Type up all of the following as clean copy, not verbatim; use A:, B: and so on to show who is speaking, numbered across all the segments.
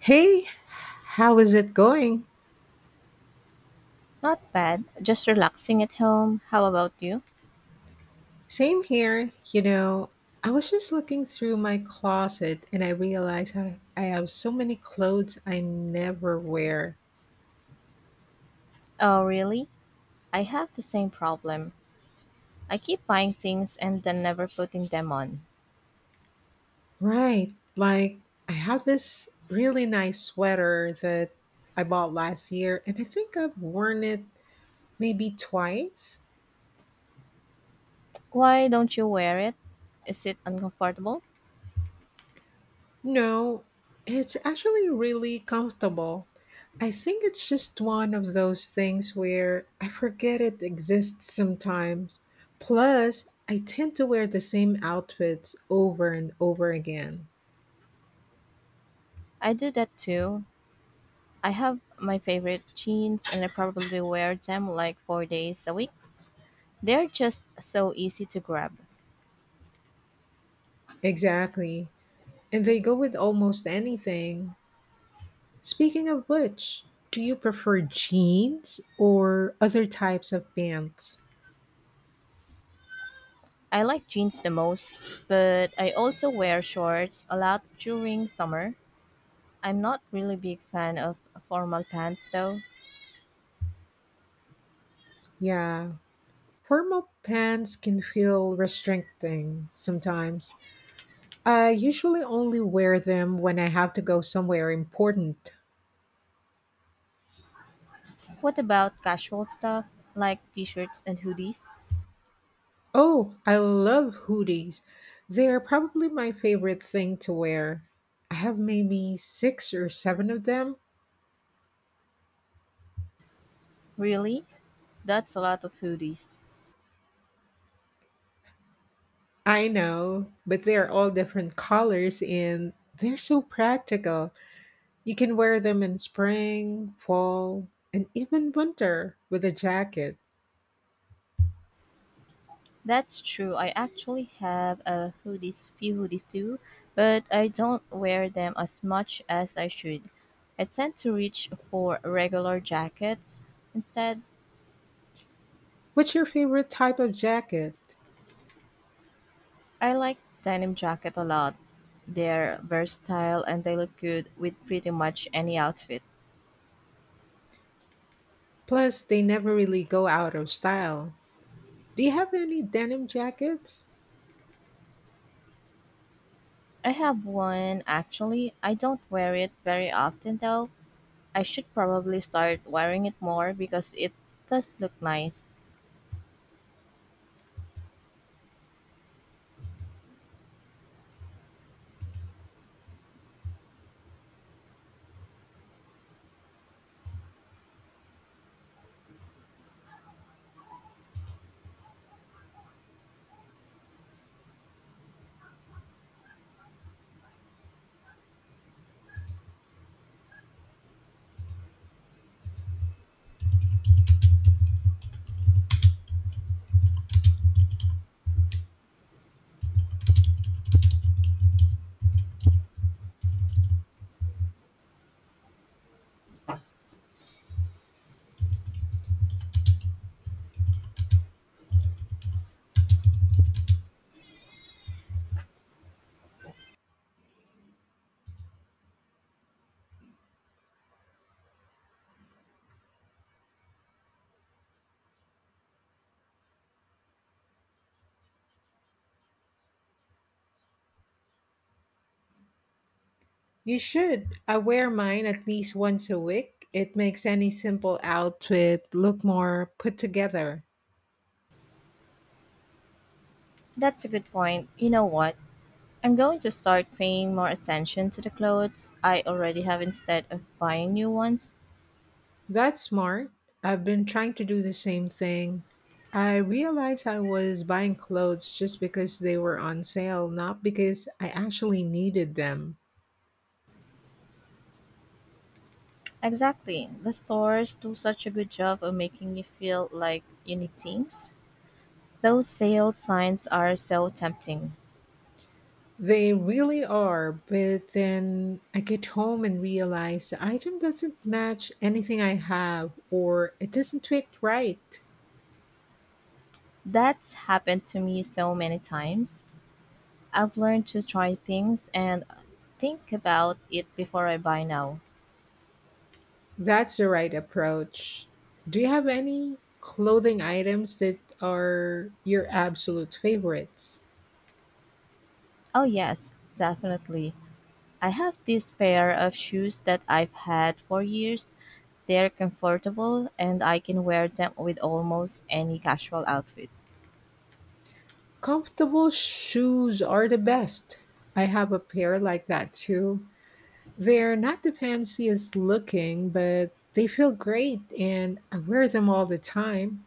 A: Hey, how is it going?
B: Not bad, just relaxing at home. How about you?
A: Same here. You know, I was just looking through my closet and I realized I have so many clothes I never wear.
B: Oh, really? I have the same problem. I keep buying things and then never putting them on.
A: Right. Like, I have this really nice sweater that I bought last year and I think I've worn it maybe twice.
B: Why don't you wear it? Is it uncomfortable?
A: No, it's actually really comfortable. I think it's just one of those things where I forget it exists sometimes. Plus, I tend to wear the same outfits over and over again.
B: I do that too. I have my favorite jeans and I probably wear them like 4 days a week. They're just so easy to grab.
A: Exactly. And they go with almost anything. Speaking of which, do you prefer jeans or other types of pants?
B: I like jeans the most, but I also wear shorts a lot during summer. I'm not really big fan of formal pants though.
A: Yeah, formal pants can feel restricting sometimes. I usually only wear them when I have to go somewhere important.
B: What about casual stuff like t-shirts and hoodies?
A: Oh, I love hoodies. They're probably my favorite thing to wear. I have maybe six or seven of them.
B: Really? That's a lot of hoodies.
A: I know, but they're all different colors and they're so practical. You can wear them in spring, fall, and even winter with a jacket.
B: That's true. I actually have a few hoodies too, but I don't wear them as much as I should. I tend to reach for regular jackets. Instead,
A: What's your favorite type of jacket?
B: I like denim jacket a lot. They're versatile and they look good with pretty much any outfit.
A: Plus, they never really go out of style. Do you have any denim jackets?
B: I have one actually. I don't wear it very often though I should probably start wearing it more because it does look nice.
A: You should. I wear mine at least once a week. It makes any simple outfit look more put together.
B: That's a good point. You know what? I'm going to start paying more attention to the clothes I already have instead of buying new ones.
A: That's smart. I've been trying to do the same thing. I realized I was buying clothes just because they were on sale, not because I actually needed them.
B: Exactly. The stores do such a good job of making you feel like you need things. Those sale signs are so tempting.
A: They really are, but then I get home and realize the item doesn't match anything I have or it doesn't fit right.
B: That's happened to me so many times. I've learned to try things and think about it before I buy now.
A: That's the right approach. Do you have any clothing items that are your absolute favorites?
B: Oh, yes, definitely. I have this pair of shoes that I've had for years. They're comfortable and I can wear them with almost any casual outfit.
A: Comfortable shoes are the best. I have a pair like that too. They're not the fanciest looking, but they feel great and I wear them all the time.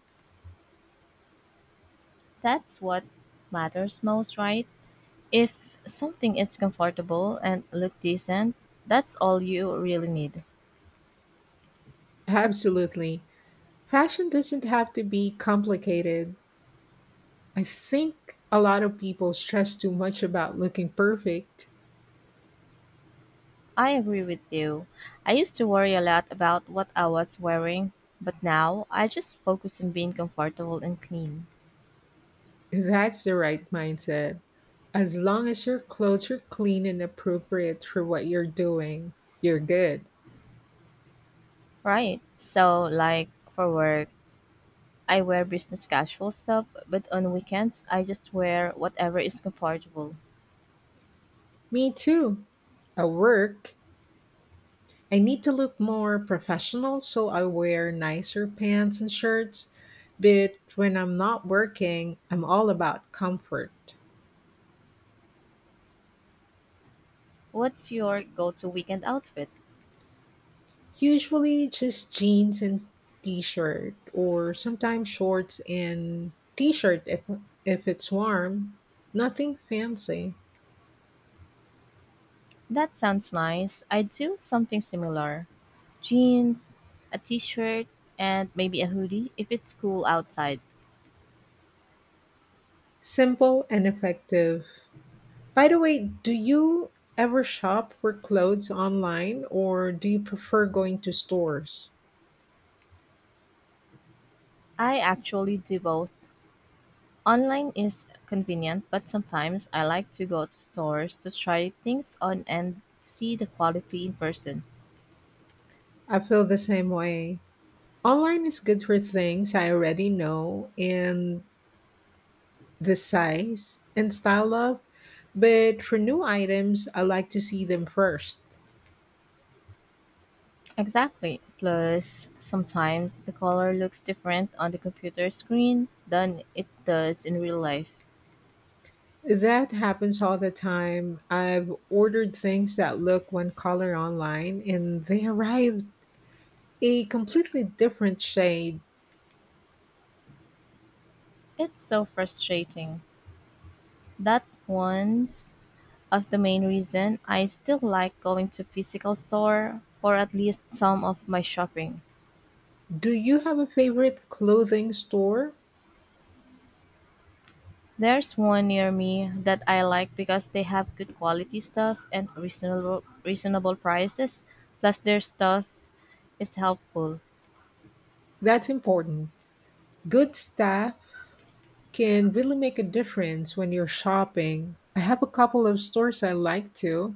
B: That's what matters most, right? If something is comfortable and look decent, that's all you really need.
A: Absolutely. Fashion doesn't have to be complicated. I think a lot of people stress too much about looking perfect.
B: I agree with you. I used to worry a lot about what I was wearing, but now I just focus on being comfortable and clean.
A: That's the right mindset. As long as your clothes are clean and appropriate for what you're doing, you're good.
B: Right. So like for work, I wear business casual stuff, but on weekends, I just wear whatever is comfortable.
A: Me too. At work, I need to look more professional, so I wear nicer pants and shirts. But when I'm not working, I'm all about comfort.
B: What's your go to weekend outfit?
A: Usually just jeans and t shirt, or sometimes shorts and t shirt if it's warm. Nothing fancy.
B: That sounds nice. I do something similar: jeans, a t shirt, and maybe a hoodie if it's cool outside.
A: Simple and effective. By the way, do you ever shop for clothes online or do you prefer going to stores?
B: I actually do both. Online is convenient, but sometimes I like to go to stores to try things on and see the quality in person.
A: I feel the same way. Online is good for things I already know and the size and style of, but for new items, I like to see them first.
B: Exactly. Plus, sometimes the color looks different on the computer screen than it does in real life.
A: That happens all the time. I've ordered things that look one color online and they arrive a completely different shade.
B: It's so frustrating. That one's of the main reason I still like going to physical store for at least some of my shopping.
A: Do you have a favorite clothing store?
B: There's one near me that I like because they have good quality stuff and reasonable prices. Plus their stuff is helpful.
A: That's important. Good staff can really make a difference when you're shopping. I have a couple of stores I like to.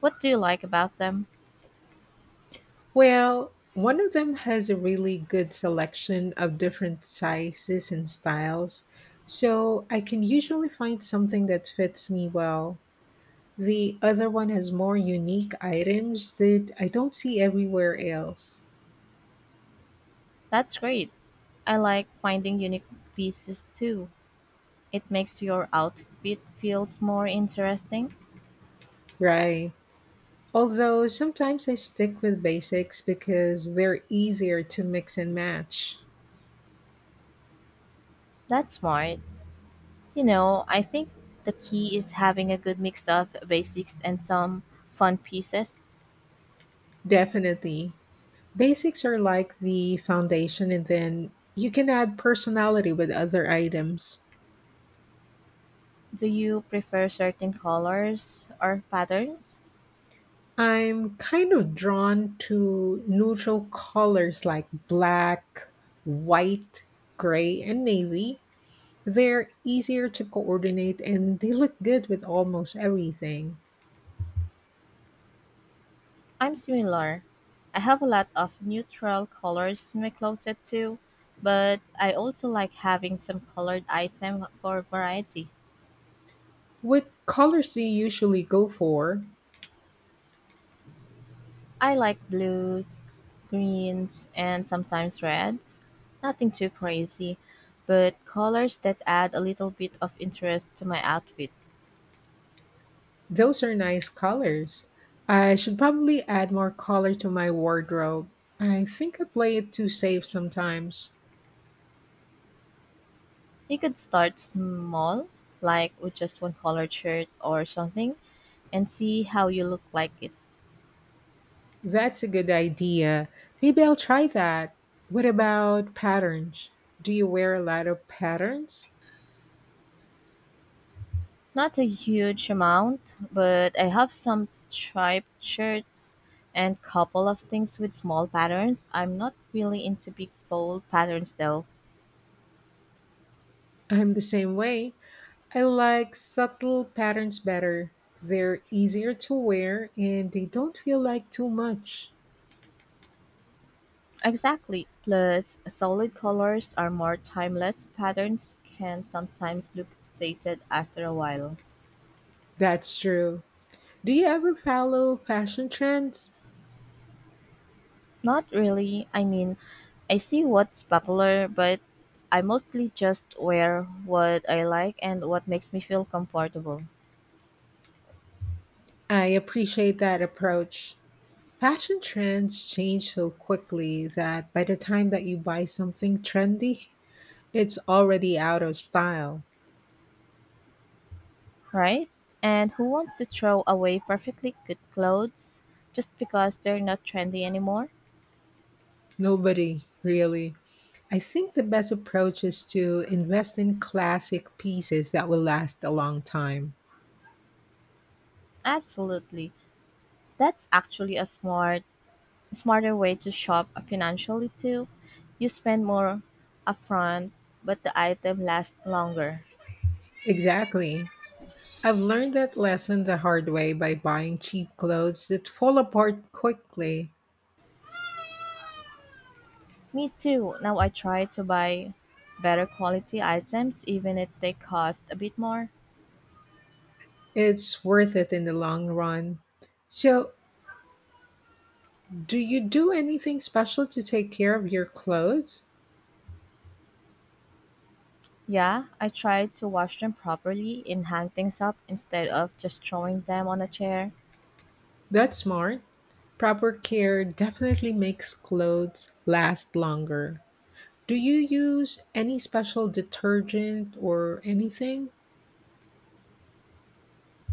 B: What do you like about them?
A: Well, one of them has a really good selection of different sizes and styles, so I can usually find something that fits me well. The other one has more unique items that I don't see everywhere else.
B: That's great. I like finding unique pieces too. It makes your outfit feels more interesting.
A: Right. Although sometimes I stick with basics because they're easier to mix and match.
B: That's smart. You know, I think the key is having a good mix of basics and some fun pieces.
A: Definitely. Basics are like the foundation, and then you can add personality with other items.
B: Do you prefer certain colors or patterns?
A: I'm kind of drawn to neutral colors like black, white, gray, and navy. They're easier to coordinate and they look good with almost everything.
B: I'm similar. I have a lot of neutral colors in my closet too, but I also like having some colored item for variety.
A: What colors do you usually go for?
B: I like blues, greens, and sometimes reds. Nothing too crazy, but colors that add a little bit of interest to my outfit.
A: Those are nice colors. I should probably add more color to my wardrobe. I think I play it too safe sometimes.
B: You could start small, like with just one colored shirt or something, and see how you look like it.
A: That's a good idea. Maybe I'll try that. What about patterns? Do you wear a lot of patterns?
B: Not a huge amount, but I have some striped shirts and couple of things with small patterns. I'm not really into big bold patterns though.
A: I'm the same way. I like subtle patterns better. They're easier to wear and they don't feel like too much.
B: Exactly. Plus, solid colors are more timeless. Patterns can sometimes look dated after a while.
A: That's true. Do you ever follow fashion trends?
B: Not really. I mean, I see what's popular, but I mostly just wear what I like and what makes me feel comfortable,
A: I appreciate that approach. Fashion trends change so quickly that by the time that you buy something trendy, it's already out of style.
B: right? And who wants to throw away perfectly good clothes just because they're not trendy anymore?
A: Nobody really. I think the best approach is to invest in classic pieces that will last a long time.
B: Absolutely. That's actually a smarter way to shop financially too. You spend more upfront, but the item lasts longer.
A: Exactly. I've learned that lesson the hard way by buying cheap clothes that fall apart quickly.
B: Me too. Now I try to buy better quality items even if they cost a bit more.
A: It's worth it in the long run. So, do you do anything special to take care of your clothes?
B: Yeah, I try to wash them properly and hang things up instead of just throwing them on a chair.
A: That's smart. Proper care definitely makes clothes last longer. Do you use any special detergent or anything?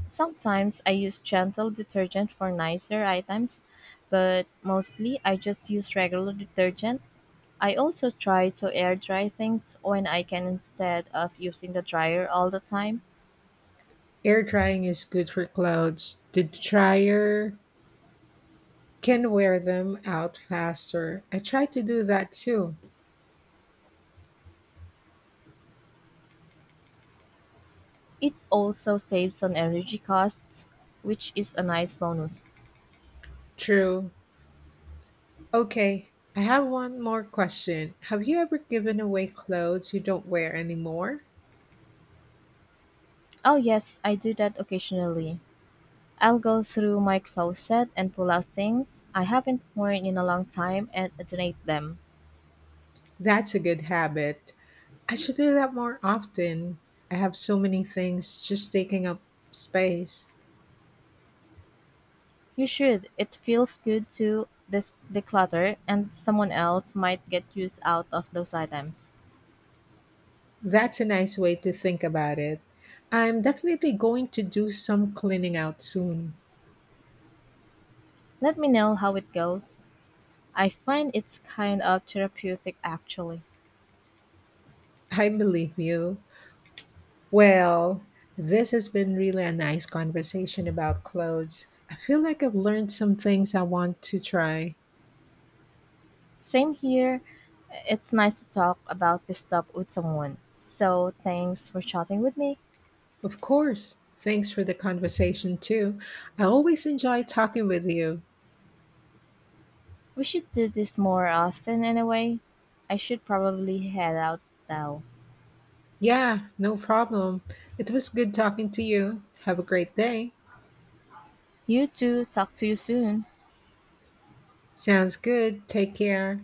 B: Sometimes I use gentle detergent for nicer items, but mostly I just use regular detergent. I also try to air dry things when I can instead of using the dryer all the time.
A: Air drying is good for clothes. The dryer can wear them out faster. I try to do that too.
B: It also saves on energy costs, which is a nice bonus.
A: True. Okay, I have one more question. Have you ever given away clothes you don't wear anymore?
B: Oh, yes, I do that occasionally. I'll go through my closet and pull out things I haven't worn in a long time and donate them.
A: That's a good habit. I should do that more often. I have so many things just taking up space.
B: You should. It feels good to this declutter, and someone else might get use out of those items.
A: That's a nice way to think about it. I'm definitely going to do some cleaning out soon.
B: Let me know how it goes. I find it's kind of therapeutic actually.
A: I believe you. Well, this has been really a nice conversation about clothes. I feel like I've learned some things I want to try.
B: Same here. It's nice to talk about this stuff with someone. So thanks for chatting with me.
A: Of course, thanks for the conversation too. I always enjoy talking with you.
B: We should do this more often anyway. I should probably head out now.
A: Yeah, no problem. It was good talking to you. Have a great day.
B: You too. Talk to you soon.
A: Sounds good. Take care.